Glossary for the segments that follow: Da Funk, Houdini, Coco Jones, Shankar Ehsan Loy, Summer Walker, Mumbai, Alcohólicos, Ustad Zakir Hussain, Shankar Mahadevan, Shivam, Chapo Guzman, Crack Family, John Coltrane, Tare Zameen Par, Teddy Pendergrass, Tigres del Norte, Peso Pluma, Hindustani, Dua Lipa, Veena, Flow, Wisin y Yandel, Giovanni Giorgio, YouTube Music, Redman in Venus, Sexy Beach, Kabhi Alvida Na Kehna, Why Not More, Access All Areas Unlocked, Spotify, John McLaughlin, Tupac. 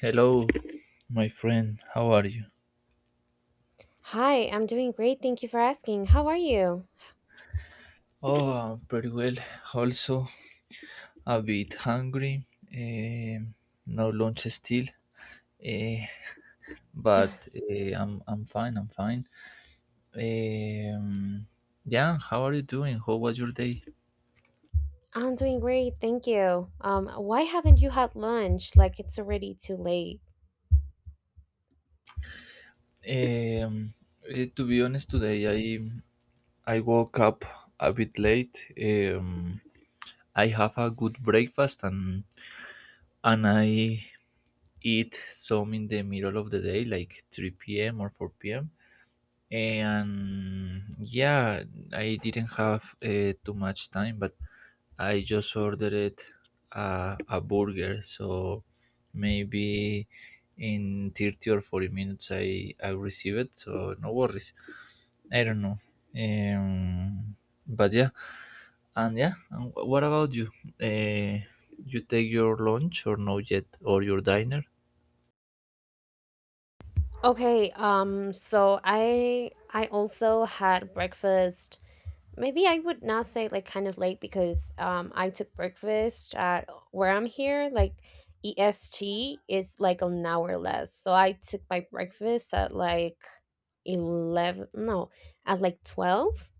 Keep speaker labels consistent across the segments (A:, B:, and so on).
A: Hello, my friend. How are you?
B: Hi, I'm doing great. Thank you for asking. How are you?
A: Oh, I'm pretty well. Also, a bit hungry. Um no lunch still. Eh, I'm fine. I'm fine. Um, yeah. How are you doing? How was your day?
B: I'm doing great. Thank you. Why haven't you had lunch? Like it's already too late.
A: Um, to be honest, today I woke up a bit late. I have a good breakfast and I eat some in the middle of the day, like 3 p.m. or 4 p.m. And yeah, I didn't have too much time, but I just ordered a burger, so maybe in 30 or 40 minutes I receive it, so no worries. I don't know. um but yeah. And yeah, and what about you? uh, you take your lunch or no yet, or your diner?
B: Okay, so I also had breakfast. Maybe I would not say like kind of late because I took breakfast at where I'm here, like EST is like an hour less. So I took my breakfast at like 11, no, at like 12.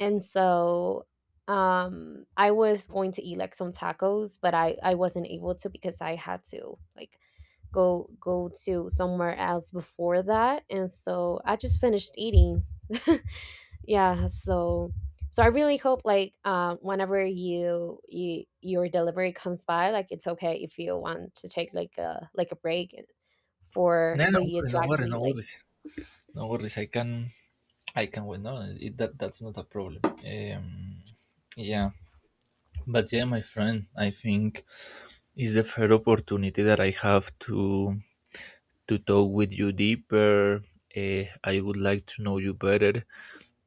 B: And so I was going to eat like some tacos, but I wasn't able to because I had to like go to somewhere else before that. And so I just finished eating. Yeah, so I really hope like whenever your delivery comes by, like it's okay if you want to take like a break
A: No
B: for
A: no
B: you
A: worries
B: to
A: no worries
B: actually
A: no
B: like.
A: worries no worries I can I can wait. No, that's not a problem. Yeah, but yeah, my friend, I think it's the fair opportunity that I have to talk with you deeper. I would like to know you better.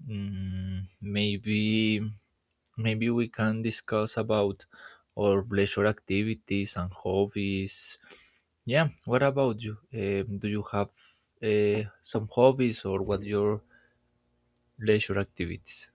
A: Mm, maybe we can discuss about our pleasure activities and hobbies. Yeah, what about you? Do you have some hobbies, or what your leisure activities?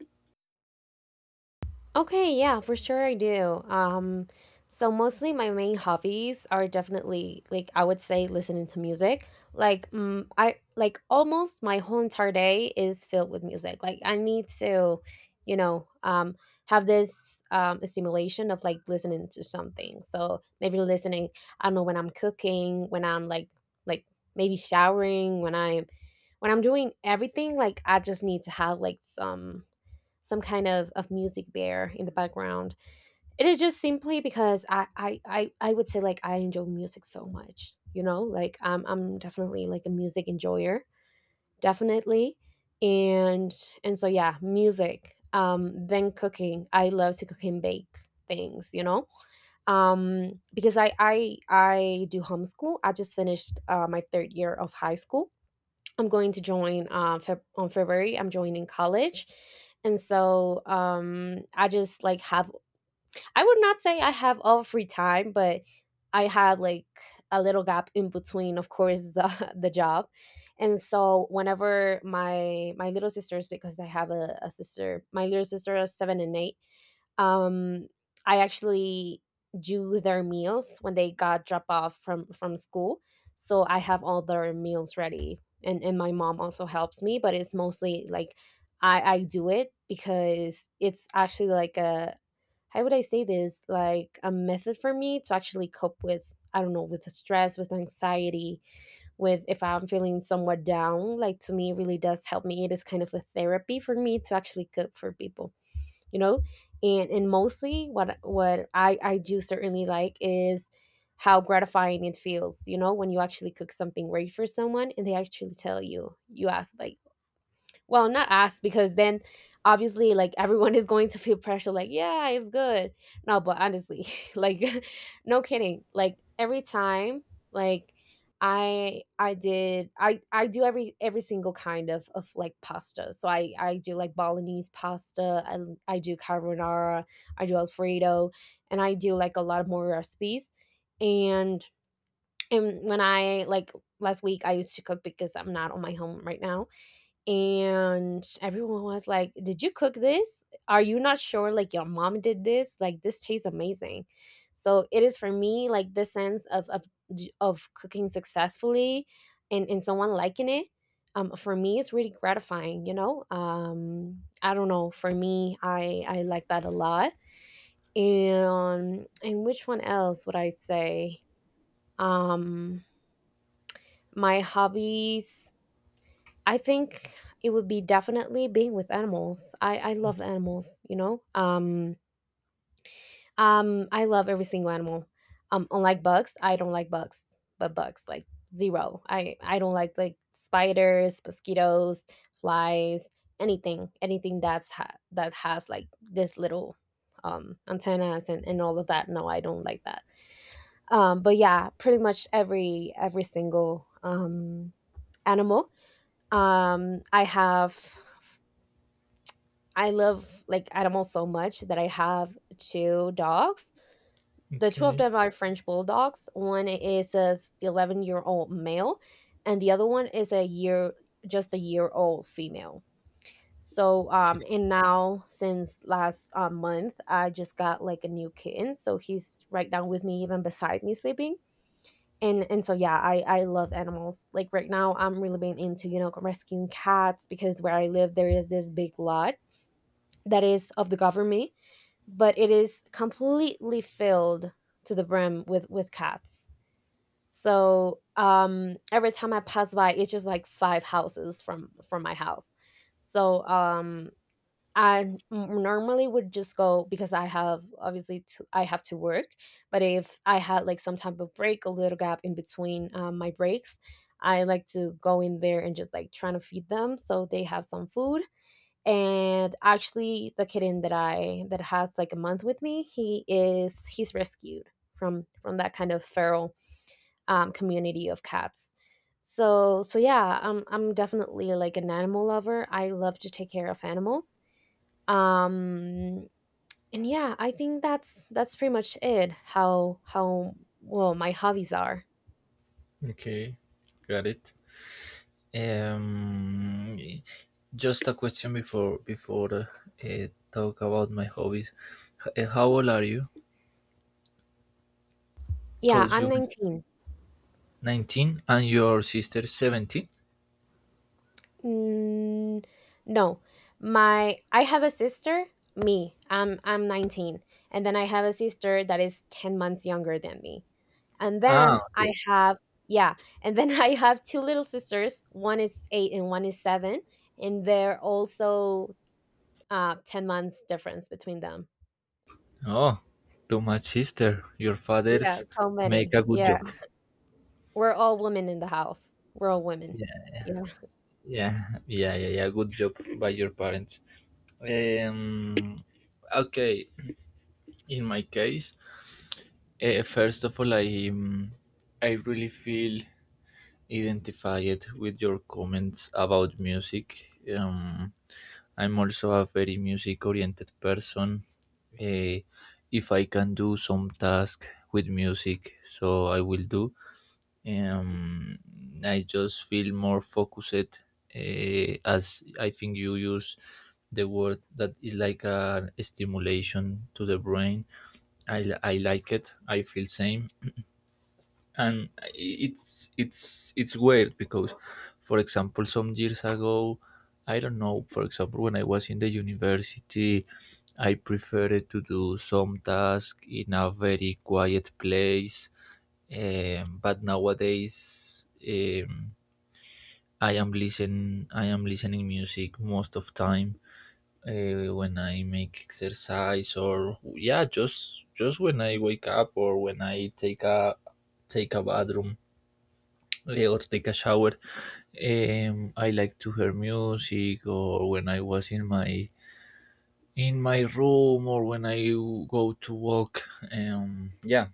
B: Okay, yeah, for sure I do. So mostly my main hobbies are definitely like I would say listening to music. Like mm, I like almost my whole entire day is filled with music. Like I need to, you know, have this stimulation of like listening to something. So maybe listening, I don't know, when I'm cooking, when I'm like like maybe showering, when I'm doing everything, like I just need to have like some kind of music there in the background. It is just simply because I would say like I enjoy music so much, you know, like I'm definitely like a music enjoyer, definitely. And, and so yeah, music, then cooking. I love to cook and bake things, you know, because I do homeschool. I just finished my third year of high school. I'm going to join on February. I'm joining college. And so I just like I would not say I have all free time, but I had like a little gap in between, of course, the job. And so whenever my little sisters, because I have a sister, my little sister is seven and eight, um, I actually do their meals when they got dropped off from school, so I have all their meals ready. And my mom also helps me, but it's mostly like I do it because it's actually like a how would I say this like a method for me to actually cope with, I don't know, with the stress, with anxiety, with if I'm feeling somewhat down. Like to me, it really does help me. It is kind of a therapy for me to actually cook for people, you know. And mostly what I do certainly like is how gratifying it feels, you know, when you actually cook something great for someone and they actually tell you. You ask like, well, not us because then obviously like everyone is going to feel pressure like, yeah, it's good. No, but honestly, like no kidding. Like every time like I do every single kind of like pasta. So I do like Balinese pasta, I do carbonara, I do alfredo, and I do like a lot of more recipes. And when I like last week I used to cook because I'm not on my home right now, and everyone was like, did you cook this? Are you not sure? Like your mom did this? Like this tastes amazing. So it is for me like the sense of of cooking successfully and someone liking it. For me it's really gratifying, you know. I don't know, for me I like that a lot. And which one else would I say? um my hobbies, I think, it would be definitely being with animals. I love animals, you know. I love every single animal. Unlike bugs, I don't like bugs, but bugs like zero. I don't like spiders, mosquitoes, flies, anything, that has like this little antennas and all of that. No, I don't like that. But yeah, pretty much every single animal um i have I love like animals so much that I have two dogs. The two of
A: Okay.
B: them are French bulldogs. One is a 11-year-old male, and the other one is a year, just a year old female. So and now since last month I just got like a new kitten, so he's right down with me, even beside me sleeping. And so yeah, I love animals. Like right now, I'm really being into, you know, rescuing cats because where I live there is this big lot that is of the government, but it is completely filled to the brim with cats. So every time I pass by, it's just like five houses from my house. So normally would just go because I have obviously I have to work, but if I had like some type of break, a little gap in between my breaks, I like to go in there and just like trying to feed them so they have some food. And actually the kitten that I that has like a month with me, he's rescued from that kind of feral community of cats. So yeah, I'm definitely like an animal lover. I love to take care of animals. um and yeah, I think that's pretty much it. How well my hobbies are.
A: Okay, got it. Um, just a question before talk about my hobbies. How old are you?
B: Yeah,
A: Cause
B: I'm
A: you
B: 19.
A: 19 and your sister 17.
B: Mm, no, my I have a sister. Me, I'm 19, and then I have a sister that is 10 months younger than me. And
A: Ah,
B: then I
A: okay.
B: have, yeah, and then I have two little sisters. One is eight and one is seven, and they're also 10 months difference between them.
A: Oh, too much sister. Your
B: Yeah,
A: fathers
B: so
A: make
B: many.
A: a good
B: Yeah,
A: job.
B: we're all women in the house. We're all women. Yeah.
A: Yeah, yeah, yeah, yeah. Good job by your parents. Um, okay. In my case, first of all, um, I really feel identify it with your comments about music. Um, I'm also a very music oriented person. Eh, if I can do some task with music, so I will do. Um, I just feel more focused, as I think you use the word that is like a stimulation to the brain. I like it. I feel same, and it's it's weird because, for example, some years ago, I don't know, for example, when I was in the university, I preferred to do some task in a very quiet place. But nowadays, I am listening music most of time, when I make exercise, or yeah, just when I wake up, or when I take a bathroom, or take a shower. I like to hear music, or when I was in my room, or when I go to walk. Yeah,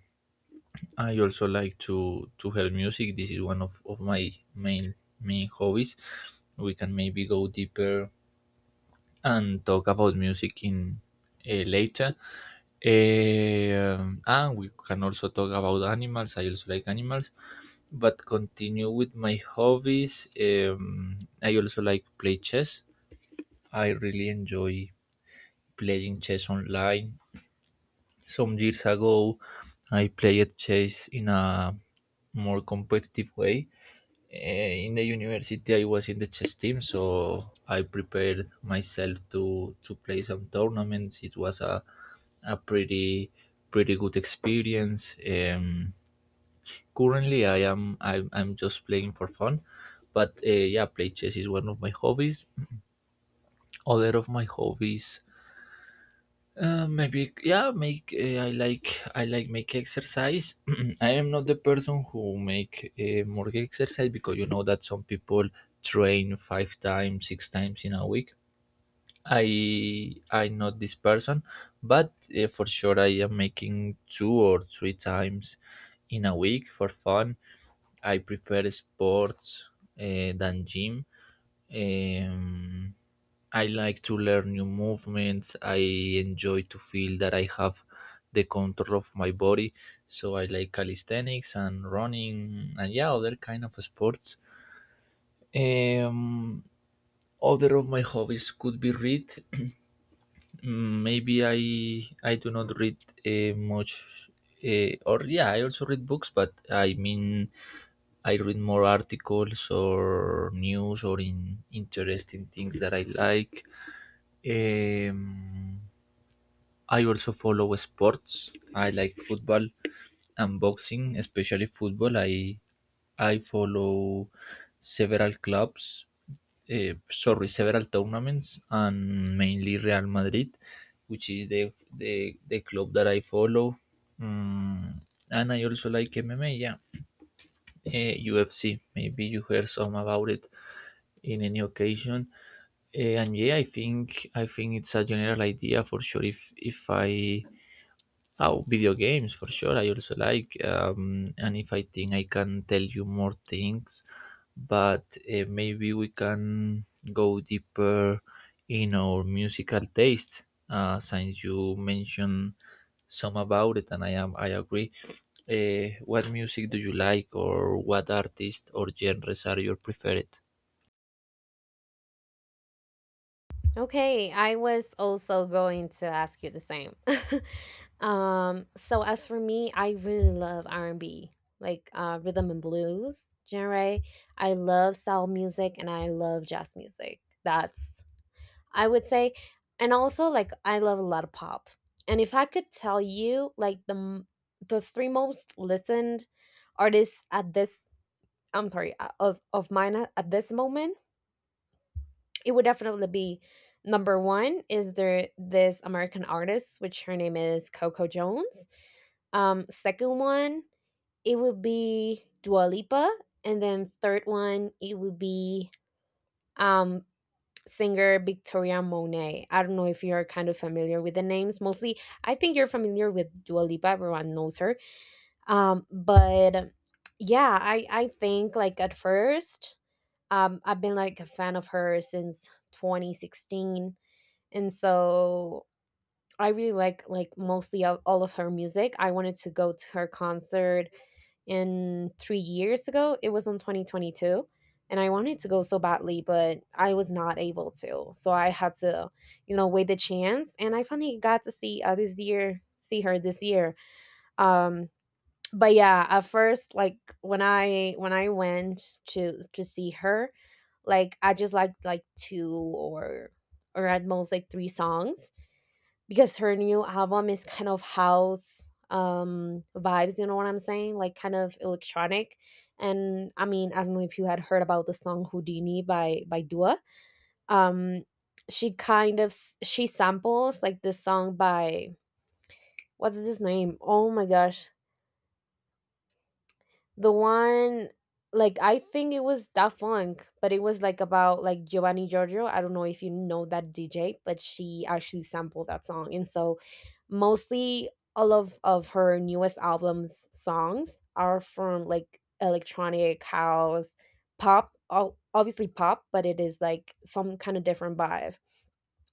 A: I also like to hear music. This is one of my main hobbies. We can maybe go deeper and talk about music in later. Um, and we can also talk about animals. I also like animals. But continue with my hobbies. I also like play chess. I really enjoy playing chess online. Some years ago, I played chess in a more competitive way. In the university, I was in the chess team, so I prepared myself to play some tournaments. It was a a pretty pretty good experience. Currently, I'm just playing for fun, but yeah, play chess is one of my hobbies. Other of my hobbies, maybe yeah, make I like make exercise. I am not the person who make more exercise, because you know that some people train five times, six times in a week. I'm not this person, but for sure I am making two or three times in a week for fun. I prefer sports than gym. Um, I like to learn new movements. I enjoy to feel that I have the control of my body. So I like calisthenics and running and yeah, other kind of sports. Um, other of my hobbies could be read. Mm, maybe I do not read much. Or Yeah, I also read books, but I mean I read more articles or news or in interesting things that I like. um, I also follow sports. I like football and boxing, especially football. I follow several clubs, sorry, several tournaments, and mainly Real Madrid, which is the the club that I follow. Mm, and I also like MMA, yeah. UFC, maybe you heard some about it in any occasion. And yeah, I think it's a general idea for sure. If I Oh, video games for sure, I also like. And if I think I can tell you more things, but maybe we can go deeper in our musical tastes, since you mentioned some about it, and I agree. What music do you like, or what artists or genres are your preferred?
B: Okay, I was also going to ask you the same. So as for me, I really love R and B, like rhythm and blues genre. I love soul music and I love jazz music. That's, I would say, and also like I love a lot of pop. And if I could tell you like the three most listened artists at this, I'm sorry, of mine at this moment, it would definitely be number one is there this American artist, which her name is Coco Jones. Second one, it would be Dua Lipa. And then third one, it would be um, singer Victoria Monet. I don't know if you're kind of familiar with the names. Mostly, I think you're familiar with Dua Lipa. Everyone knows her. But yeah, I think like at first, I've been like a fan of her since 2016, and so I really like mostly all of her music. I wanted to go to her concert in 3 years ago. It was in 2022 and I wanted to go so badly, but I was not able to. So I had to, you know, wait the chance and I finally got to see this year see her this year. Um but yeah, at first like when I went to see her, like I just liked like two or at most like three songs because her new album is kind of house vibes, you know what I'm saying, like kind of electronic. And I mean, I don't know if you had heard about the song Houdini by Dua. um she kind of she samples like this song by, what's his name, oh my gosh, the one, like I think it was Da Funk, but it was like about like Giovanni Giorgio. I don't know if you know that DJ, but she actually sampled that song. And so mostly all of her newest albums songs are from like electronic house, pop, all, obviously pop, but it is like some kind of different vibe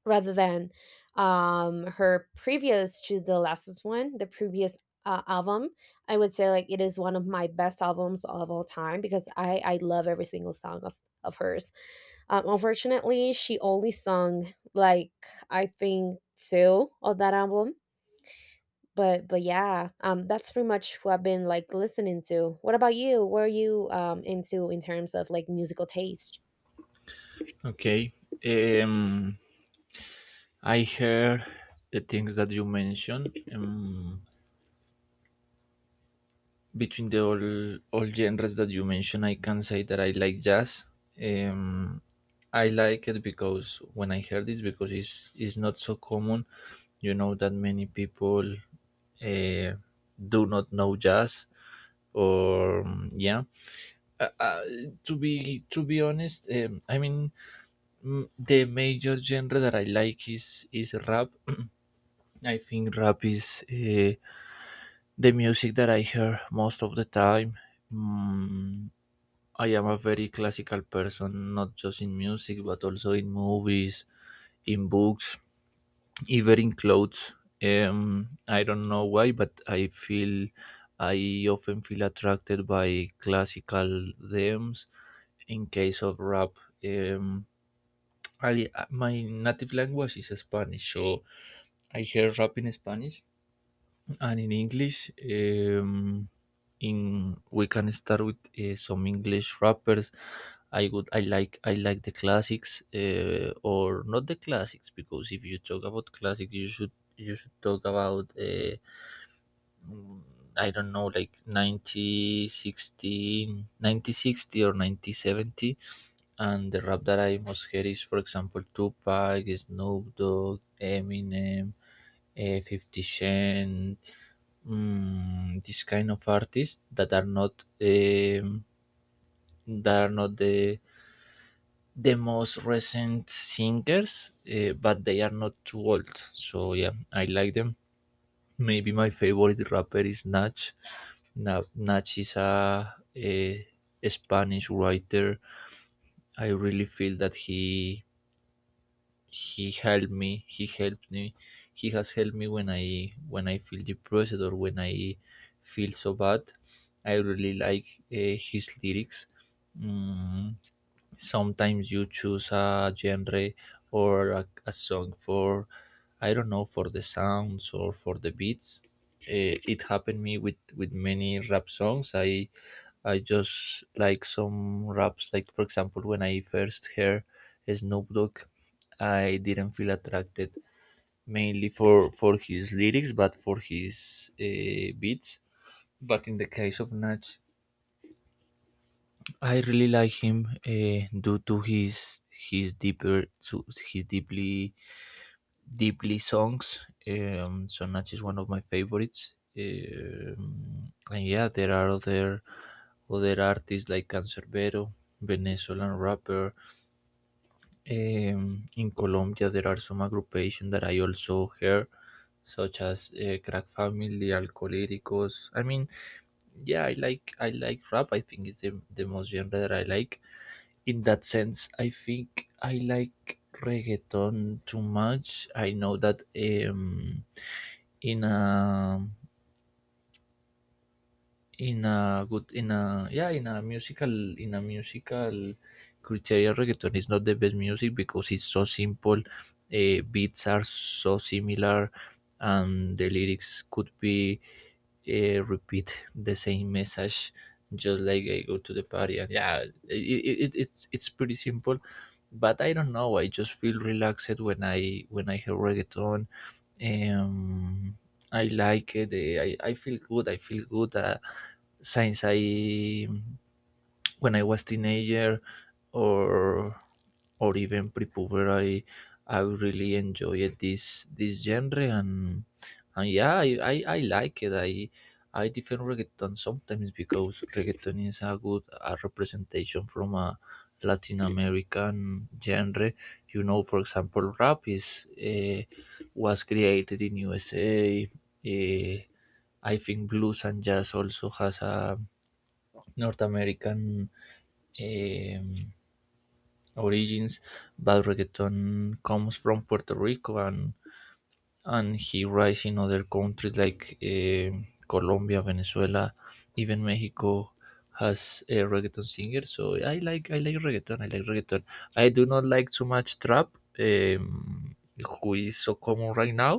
B: rather than her previous to the last one, the previous album, I would say like it is one of my best albums of all time because I love every single song of hers. Unfortunately she only sung like, I think, two of that album. But yeah, that's pretty much who I've been like listening to. What about you? What are you into in terms of like musical taste?
A: Okay. um I heard the things that you mentioned. um, Between the all genres that you mentioned, I can say that I like jazz. Um, I like it because when I heard this, because it's not so common. You know that many people uh, do not know jazz. Or yeah uh, uh, to be honest, I mean, mm, the major genre that I like is rap. I think rap is the music that I hear most of the time. Mm, I am a very classical person, not just in music, but also in movies, in books, even in clothes. I don't know why, but I feel I often feel attracted by classical themes. In case of rap, um, I my native language is Spanish, so I hear rap in Spanish, Ah, and in English, in we can start with some English rappers. I like the classics, or not the classics, because if you talk about classics, you should talk about mm, I don't know, like 1960, or ninety seventy, and the rap that I most hear is, for example, Tupac, Snoop Dogg, Eminem, 50 Cent, mm, this kind of artists that are not the most recent singers, but they are not too old. So yeah, I like them. Maybe my favorite rapper is Nach. Nach is a Spanish writer. I really feel that he he helped me he has helped me when I feel depressed, or when I feel so bad. I really like his lyrics. Mm, sometimes you choose a genre or a song for, I don't know, for the sounds or for the beats. It happened me with many rap songs. I just like some raps, like, for example, when I first heard Snoop Dogg, I didn't feel attracted mainly for his lyrics, but for his beats. But in the case of Nach, I really like him due to his deeper to his deeply songs. Sonata is one of my favorites. And yeah, there are other artists like Cancerbero, Venezuelan rapper. In Colombia, there are some aggregation that I also hear, such as Crack Family, Alcohólicos. I mean, yeah, I like rap. I think it's the most genre that I like in that sense. I think I like reggaeton too much. I know that in a in a good in a musical in a musical criteria, reggaeton is not the best music, because it's so simple, beats are so similar, and the lyrics could be repeat the same message, just like I go to the party and yeah, it, it's pretty simple, but I don't know, I just feel relaxed when I hear reggaeton. Um, I like it. I feel good. I feel good since I when I was teenager, or or even pre-power. I really enjoyed this genre, and yeah, I like it. I defend reggaeton sometimes, because reggaeton is a representation from a latin american genre. You know, for example, rap is was created in usa. uh, I think blues and jazz also has a north american um, Origins, but reggaeton comes from Puerto Rico, and he rise in other countries like Colombia, Venezuela, even Mexico has a reggaeton singer. So I like reggaeton. I like reggaeton. I do not like too much trap, um, who is so common right now.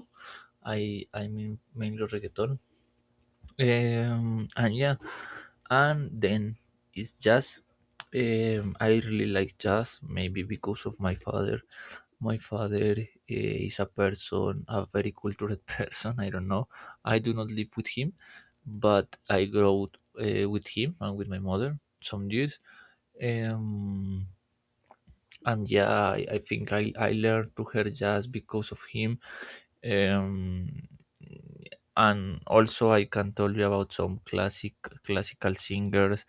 A: I mean mainly reggaeton. And yeah, and then it's jazz. I really like jazz, maybe because of my father. My father is a person, a very cultured person. I don't know. I do not live with him, but I grew up, with him and with my mother, some years. Um, and yeah, I think I learned to her just because of him. Um, and also, I can tell you about some classical singers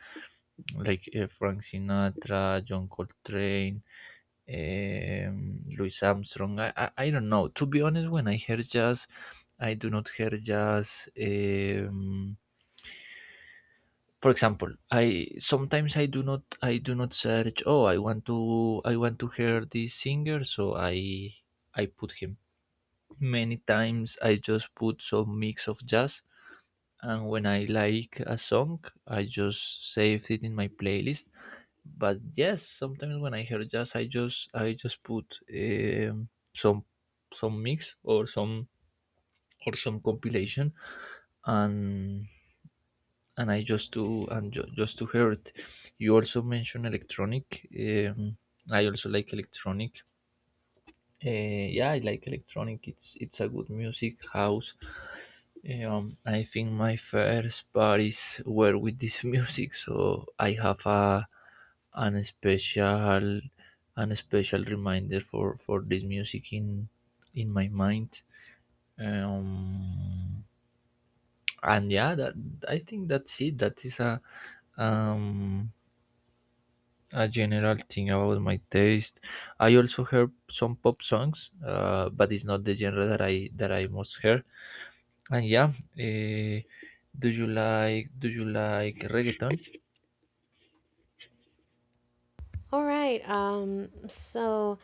A: like Frank Sinatra, John Coltrane, Louis Armstrong. I don't know. To be honest, when I hear jazz, I do not hear jazz. For example, I sometimes I do not search. Oh, I want to hear this singer, so I put him. Many times I just put some mix of jazz, and when I like a song, I just saved it in my playlist, but yes, sometimes when I hear jazz, I just put some some mix or some compilation and and I just to and ju- just to hear it. You also mentioned electronic. I also like electronic. uh, yeah, I like electronic. It's a good music, house. I think my first parties were with this music, so I have a an special an special reminder for this music in my mind. Um, and yeah, that I think that's it. That is um a general thing about my taste. I also heard some pop songs, but it's not the genre that I most hear. And yeah, eh, do you like reggaeton?
B: All right, so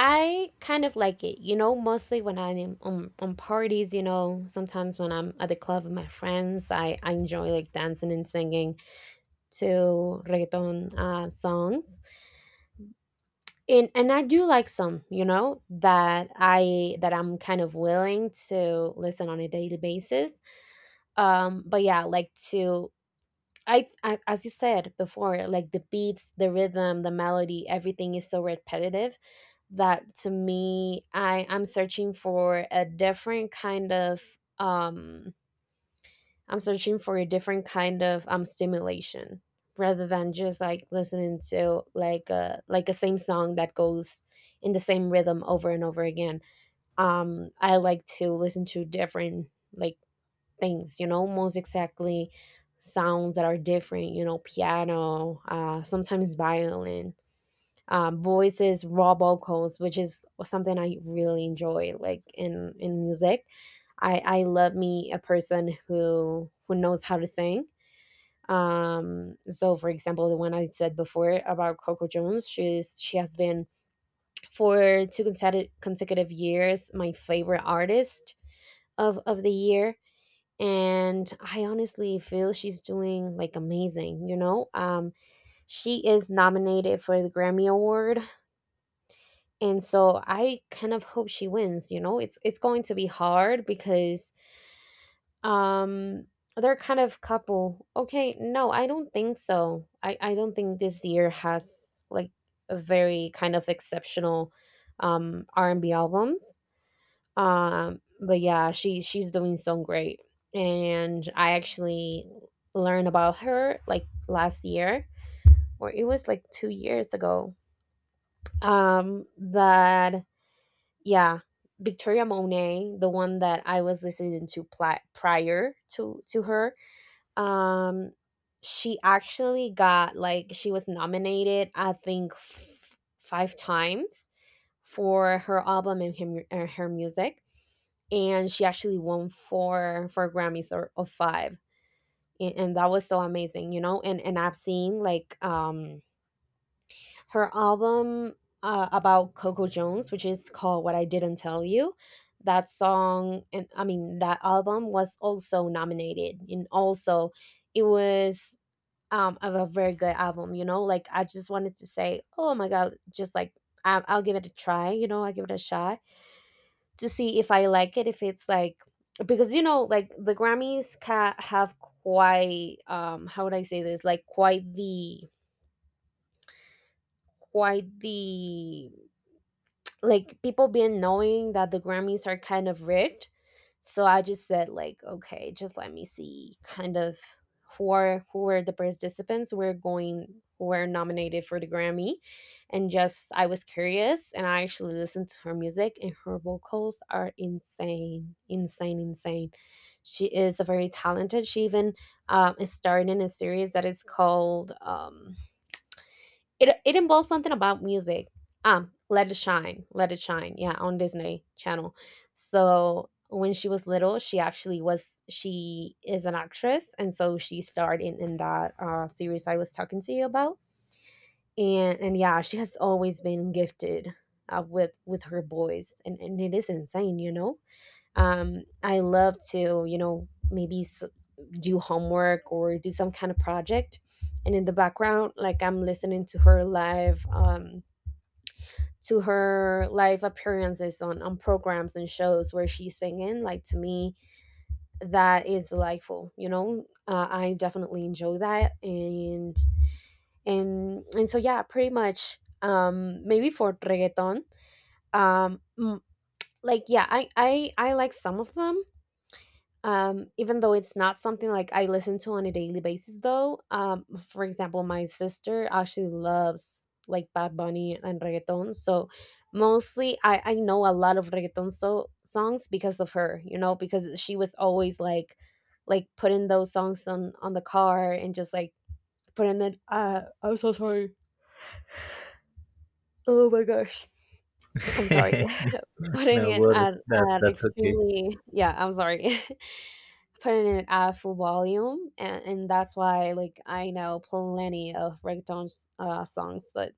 B: I kind of like it, you know, mostly when I'm on parties, you know, sometimes when I'm at the club with my friends, I enjoy like dancing and singing to reggaeton songs. And I do like some, you know, that I'm kind of willing to listen on a daily basis. But yeah, I as you said before, like, the beats, the rhythm, the melody, everything is so repetitive that to me, I'm searching for a different kind of stimulation, rather than just like listening to like a same song that goes in the same rhythm over and over again. I like to listen to different like things, you know, most exactly sounds that are different, you know, piano, sometimes violin, voices, raw vocals, which is something I really enjoy. Like, in music, I love me a person who knows how to sing. So, for example, the one I said before about Coco Jones, she has been for 2 consecutive consecutive years my favorite artist of the year. And I honestly feel she's doing like amazing. She is nominated for the Grammy Award, and so I kind of hope she wins. It's going to be hard because um they're kind of couple. Okay, no, I don't think so. I don't think this year has, like, a very kind of exceptional R&B albums. But yeah, she's doing so great. And I actually learned about her like last year, or it was like 2 years ago. That Yeah, Victoria Monet, the one that I was listening to prior to her. um she actually got like She was nominated, I think, five times for her album and her music. And she actually won four Grammys, or five. And that was so amazing, you know. And I've seen, like, her album, about Coco Jones, which is called "What I Didn't Tell You." That song, and I mean, that album, was also nominated, and also it was, of a very good album. Like, I just wanted to say, oh my god, just like I'll give it a try, I'll give it a shot to see if I like it, if it's like, because, like, the Grammys ca have quite, how would I say this, like, quite the, quite the like, people been knowing that the Grammys are kind of rigged. So I just said like, okay, just let me see kind of who are the participants who are going who were nominated for the Grammy. And just, I was curious, and I actually listened to her music, and her vocals are insane. Insane, insane. She is a very talented. She even, is starring in a series that is called, it involves something about music. Let It Shine, Let It Shine. Yeah, on Disney Channel. So when she was little, she actually was she is an actress, and so she starred in that series I was talking to you about. And yeah, she has always been gifted, with her voice, and it is insane. I love to, maybe, do homework or do some kind of project, and in the background, like, I'm listening to her live, to her live appearances on programs and shows where she's singing. Like, to me that is delightful. I definitely enjoy that. And so yeah, pretty much, maybe for reggaeton. um mm, like, yeah, I like some of them, even though it's not something like I listen to on a daily basis though. For example, my sister actually loves, like, Bad Bunny and reggaeton, so mostly I know a lot of reggaeton so songs because of her, you know, because she was always like, putting those songs on the car and just like putting it, I'm so sorry, oh my gosh, I'm sorry. Putting
A: No
B: it at,
A: worries. That that's okay.
B: extremely, yeah, I'm sorry. Putting it at full volume, and that's why like I know plenty of reggaeton, songs. but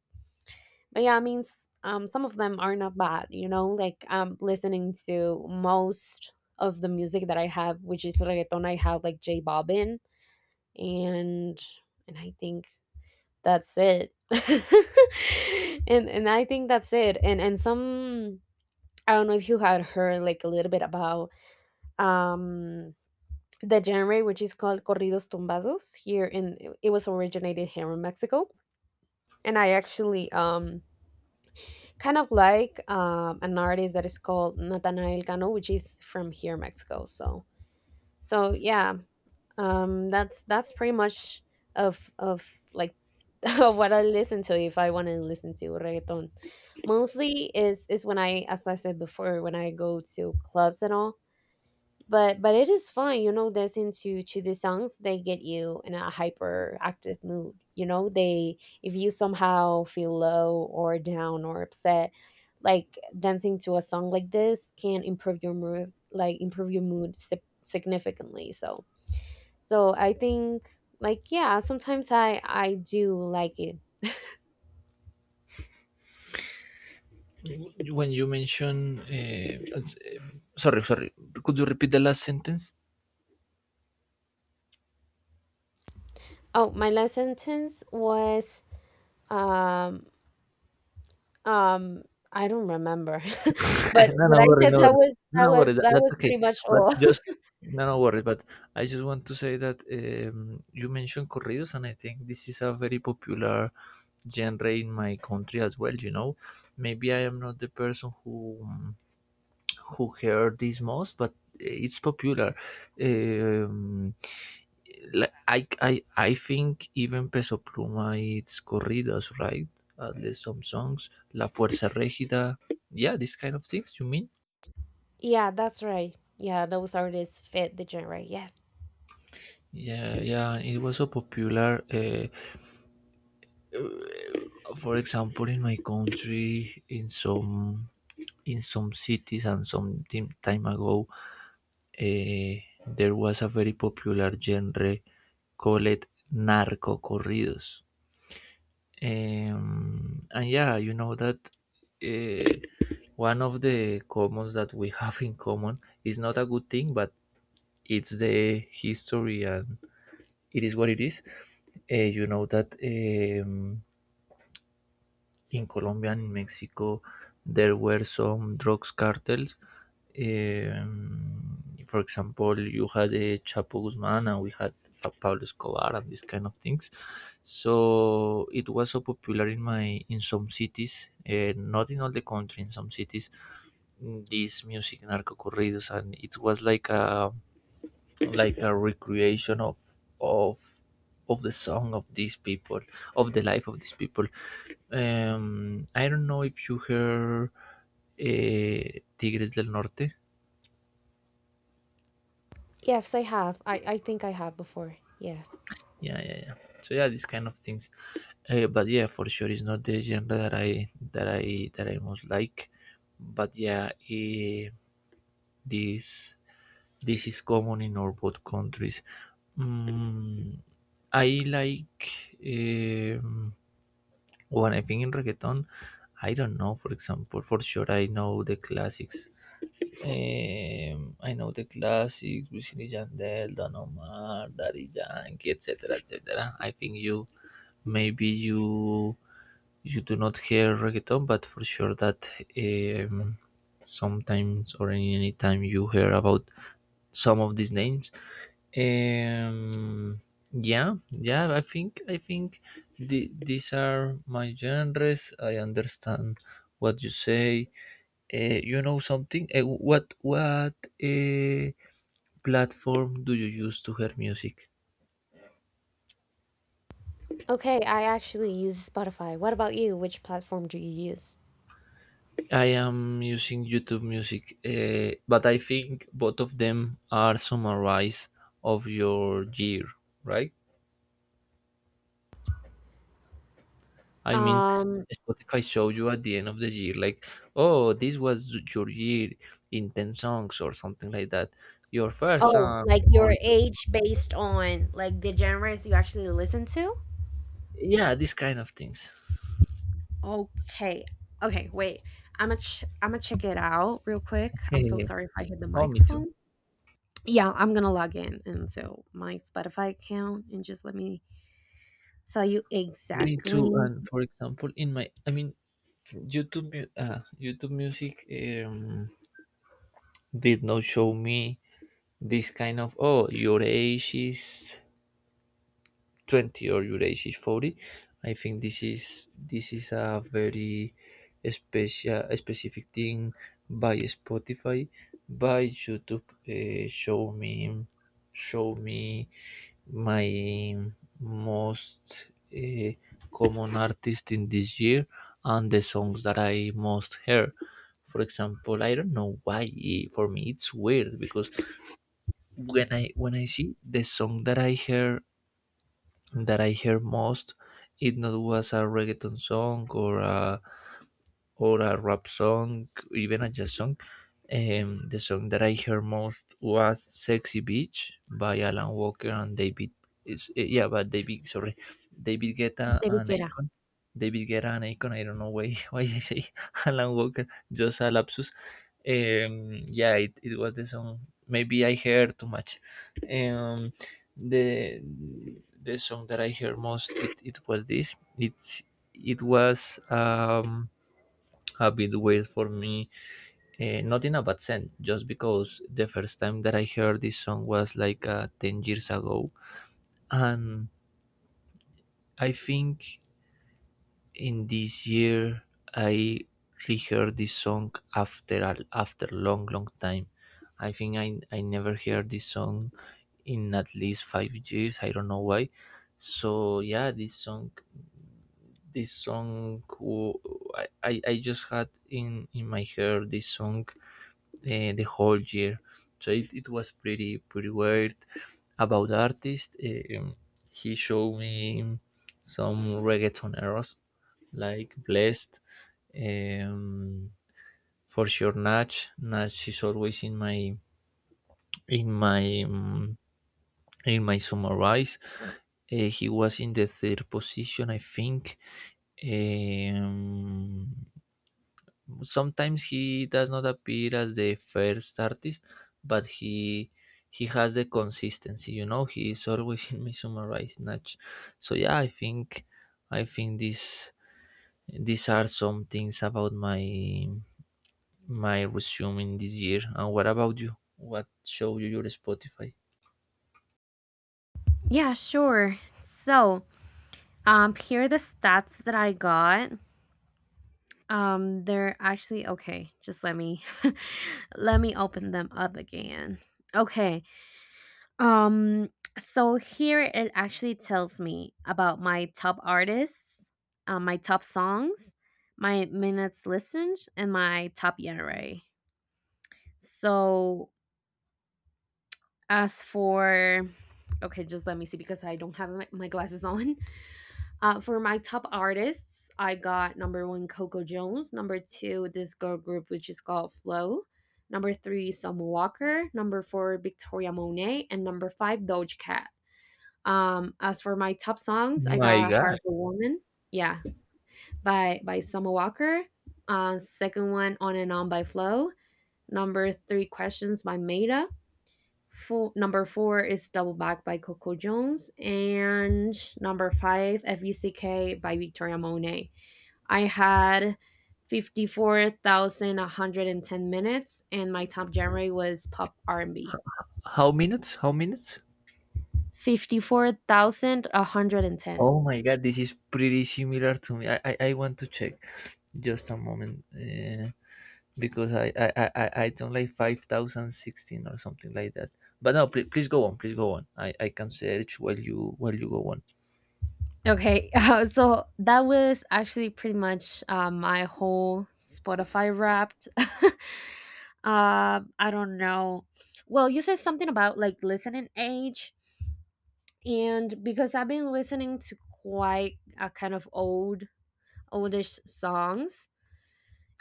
B: but yeah, I mean, some of them are not bad, you know, like, I'm listening to most of the music that I have, which is reggaeton. I have like J Bobbin, and I think that's it. And I think that's it. And some. I don't know if you had heard like a little bit about, um the genre, which is called Corridos Tumbados. Here in it was originated here in Mexico. And I actually, kind of like, an artist that is called Natanael Cano, which is from here, Mexico. So yeah, that's pretty much of like, of what I listen to. If I want to listen to reggaeton, mostly is when I as I said before, when I go to clubs and all. But it is fun, you know, dancing to the songs. They get you in a hyperactive mood, you know. They If you somehow feel low or down or upset, like, dancing to a song like this can improve your mood, like, improve your mood significantly. So I think, like, yeah, sometimes I do like it.
A: W- When you mention, eh, sorry, sorry, could you repeat the last sentence?
B: Oh, my last sentence was, um Um, I don't remember, but
A: No, no
B: but I
A: worries.
B: said
A: No
B: that
A: worries.
B: was
A: No,
B: that
A: no worries.
B: was
A: That,
B: that
A: that's
B: was
A: okay.
B: pretty much
A: But
B: all.
A: just, no, no worries, but I just want to say that you mentioned corridos, and I think this is a very popular genre in my country as well. You know, maybe I am not the person who heard this most, but it's popular. Um, like, I think even Peso Pluma, it's corridos, right? At least some songs. La Fuerza Regida. Yeah, this kind of things, you mean?
B: Yeah, that's right. Yeah, those artists fit the genre. Yes.
A: Yeah, yeah, it was so popular. For example, in my country, in some cities and some time ago, there was a very popular genre called narco corridos. And yeah, you know that, eh, one of the commons that we have in common is not a good thing, but it's the history and it is what it is. Eh, you know that, in Colombia and Mexico, there were some drugs cartels. Um, for example, you had a Chapo Guzman and we had a Pablo Escobar and these kind of things. So it was so popular in my, in some cities, not in all the country. In some cities, this music, narco corridos, and it was like a recreation of of of the song of these people, of the life of these people. I don't know if you heard Tigres del Norte.
B: Yes, I have. I think I have before. Yes.
A: Yeah, yeah, yeah. So yeah, these kind of things. But yeah, for sure, it's not the genre that I most like. But yeah, this is common in our both countries. Mm, I like, um, when I think in reggaeton. I don't know. For example, for sure, I know the classics I know the classics, Wisin y Yandel, Don Omar, Daddy Yankee, etc., etc. I think you maybe you do not hear reggaeton, but for sure that, um, sometimes or any time you hear about some of these names. Um, yeah, yeah. I think these are my genres. I understand what you say. You know something? What uh, platform do you use to hear music?
B: Okay, I actually use Spotify. What about you? Which platform do you use?
A: I am using YouTube Music, but I think both of them are summarized of your year, right? I mean,
B: Um,
A: Spotify show you at the end of the year, like, oh, this was your year in 10 songs or something like that. Your first
B: oh,
A: song,
B: like,
A: or
B: your
A: your,
B: age based on like the genres you actually listen to?
A: yeah, these kind of things.
B: Okay. Okay, wait. I'm gonna check it out real quick. I'm so sorry if I hit the
A: Oh, me too.
B: microphone. Yeah, I'm gonna log in into my Spotify account and just let me tell you
A: Me too.
B: exactly.
A: And for example, in my, I mean, YouTube, YouTube Music, um, did not show me this kind of, oh, your age is 20 or your age is 40. I think this is a very special specific thing by Spotify, by YouTube. Show me my most, uh, common artist in this year and the songs that I most hear. For example, I don't know why. For me, it's weird because when I see the song that I hear most, it not was a reggaeton song or a rap song, even a jazz song. The song that I heard most was "Sexy Beach" by Alan Walker and David. Is yeah, but David. Sorry, David Guetta
B: David
A: and
B: Guetta.
A: Akon. David Guetta and Akon. I don't know why why I say Alan Walker. Just a lapsus. Yeah, it was the song. Maybe I heard too much. Um, the song that I heard most, it was this. It was a bit weird for me. Not in a bad sense, just because the first time that I heard this song was like 10 years ago. And I think in this year I reheard this song after after long, long time. I think I never heard this song in at least 5 years. I don't know why. So yeah, this song this song I just had in my hair this song the whole year. So it was pretty weird. About artist, he showed me some reggaetoneros like Blessed, um, for sure Natch. Natch is always in my in my in my summarize. He was in the third position, I think. Eh, Um, Sometimes he does not appear as the first artist, but he has the consistency. You know, he is always in Midsummer Snatch. So yeah, I think this these are some things about my resume in this year. And what about you? What show you your Spotify?
B: Yeah, sure. So, here are the stats that I got. They're actually okay. Just let me let me open them up again. Okay. Um, so here it actually tells me about my top artists, my top songs, my minutes listened, and my top era. So, as for, okay, just let me see because I don't have my glasses on. For my top artists, I got number one, Coco Jones. Number two, this girl group, which is called Flow. Number three, Summer Walker. Number four, Victoria Monet. And number five, Doja Cat. As for my top songs, I
A: My
B: got, oh, Heart
A: God,
B: of a Woman, yeah, by Summer Walker. Second one, On and On by Flow. Number three, Questions by Maida. Number four is Double Back by Coco Jones, and number five, FUCK by Victoria Monet. I had 54,110 minutes, and my top genre was pop R&B.
A: how minutes? How minutes?
B: 54,110.
A: Oh my God, this is pretty similar to me. I want to check. Just a moment. Because don't like 5,016 or something like that. But no, please, please go on, please go on. I can search while you go on.
B: Okay, so that was actually pretty much, my whole Spotify Wrapped. I don't know. Well, you said something about like listening age, and because I've been listening to quite a kind of old oldish songs,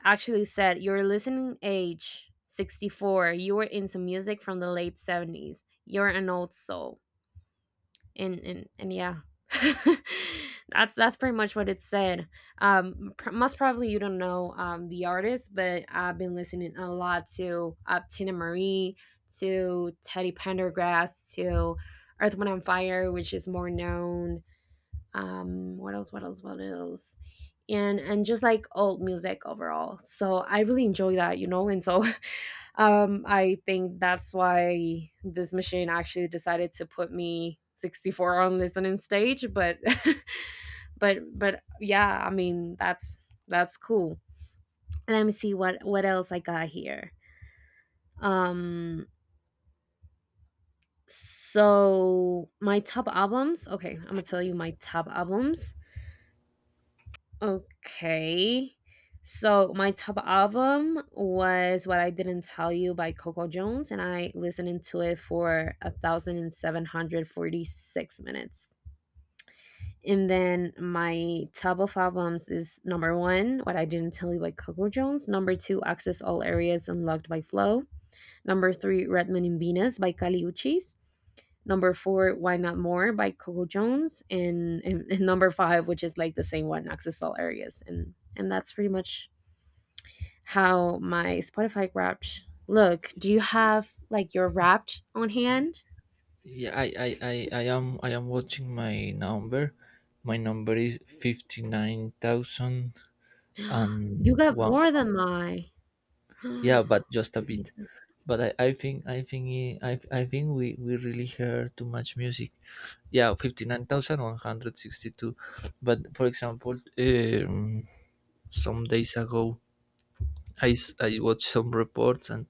B: actually said your listening age 64, you were into music from the late 70s. You're an old soul. And yeah. That's pretty much what it said. Most probably you don't know, the artist, but I've been listening a lot to, Tina Marie, to Teddy Pendergrass, to Earth, Wind, and Fire, which is more known. What else, what else, what else. And just like old music overall, so I really enjoy that, you know. And so, I think that's why this machine actually decided to put me 64 on listening stage. But but yeah, I mean, that's cool. Let me see what else I got here, um so my top albums, okay, I'm gonna tell you my top albums. Okay. So my top album was What I Didn't Tell You by Coco Jones, and I listened to it for 1,746 minutes. And then my top of albums is number one, What I Didn't Tell You by Coco Jones. Number two, Access All Areas Unlocked by Flow. Number three, Redman in Venus by Kali Uchis. Number four, Why Not More by Coco Jones. And number five, which is like the same one, Access All Areas. And that's pretty much how my Spotify wrapped look. Do you have like your wrapped on hand?
A: Yeah, I am watching my number. My number is fifty nine thousand
B: You
A: and
B: got
A: one.
B: more than my.
A: Yeah, but just a
B: Oh my
A: bit. But I I think we really hear too much music. Yeah, 59,162. But for example, some days ago I watched some reports and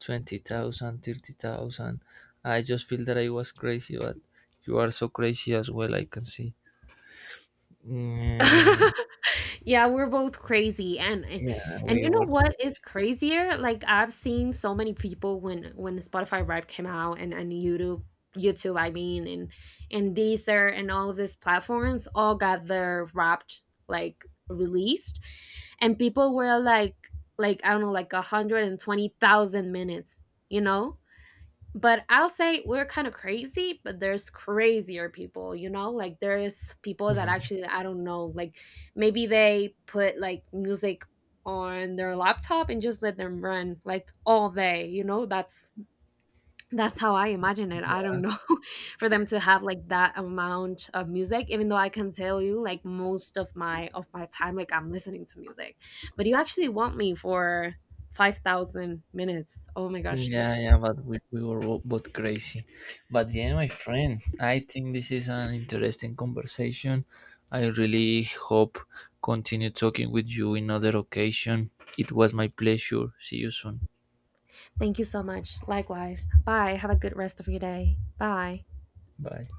A: 20,000, 30,000. I just feel that I was crazy, but you are so crazy as well, I can see.
B: God.
A: Mm,
B: Yeah, we're both crazy, and and
A: yeah,
B: and
A: we
B: you know
A: were.
B: what is crazier? Like, I've seen so many people when the Spotify Rap came out, and YouTube, I mean, and Deezer, and all of these platforms all got their wrapped, like, released, and people were like, I don't know, like, 120,000 minutes, you know? But I'll say we're kind of crazy, but there's crazier people, you know? Like, there's people that
A: Mhm.
B: actually, I don't know, like, maybe they put like music on their laptop and just let them run like all day, you know? That's how I imagine it. I don't know, for them to have like that amount of music, even though I can tell you, like, most of my time, like, I'm listening to music. But you actually want me for 5,000 minutes. Oh my gosh.
A: Yeah, yeah, but we were both crazy. But yeah, my friend, I think this is an interesting conversation. I really hope continue talking with you in other occasion. It was my pleasure. See you soon.
B: Thank you so much. Likewise. Bye. Have a good rest of your day. Bye.
A: Bye.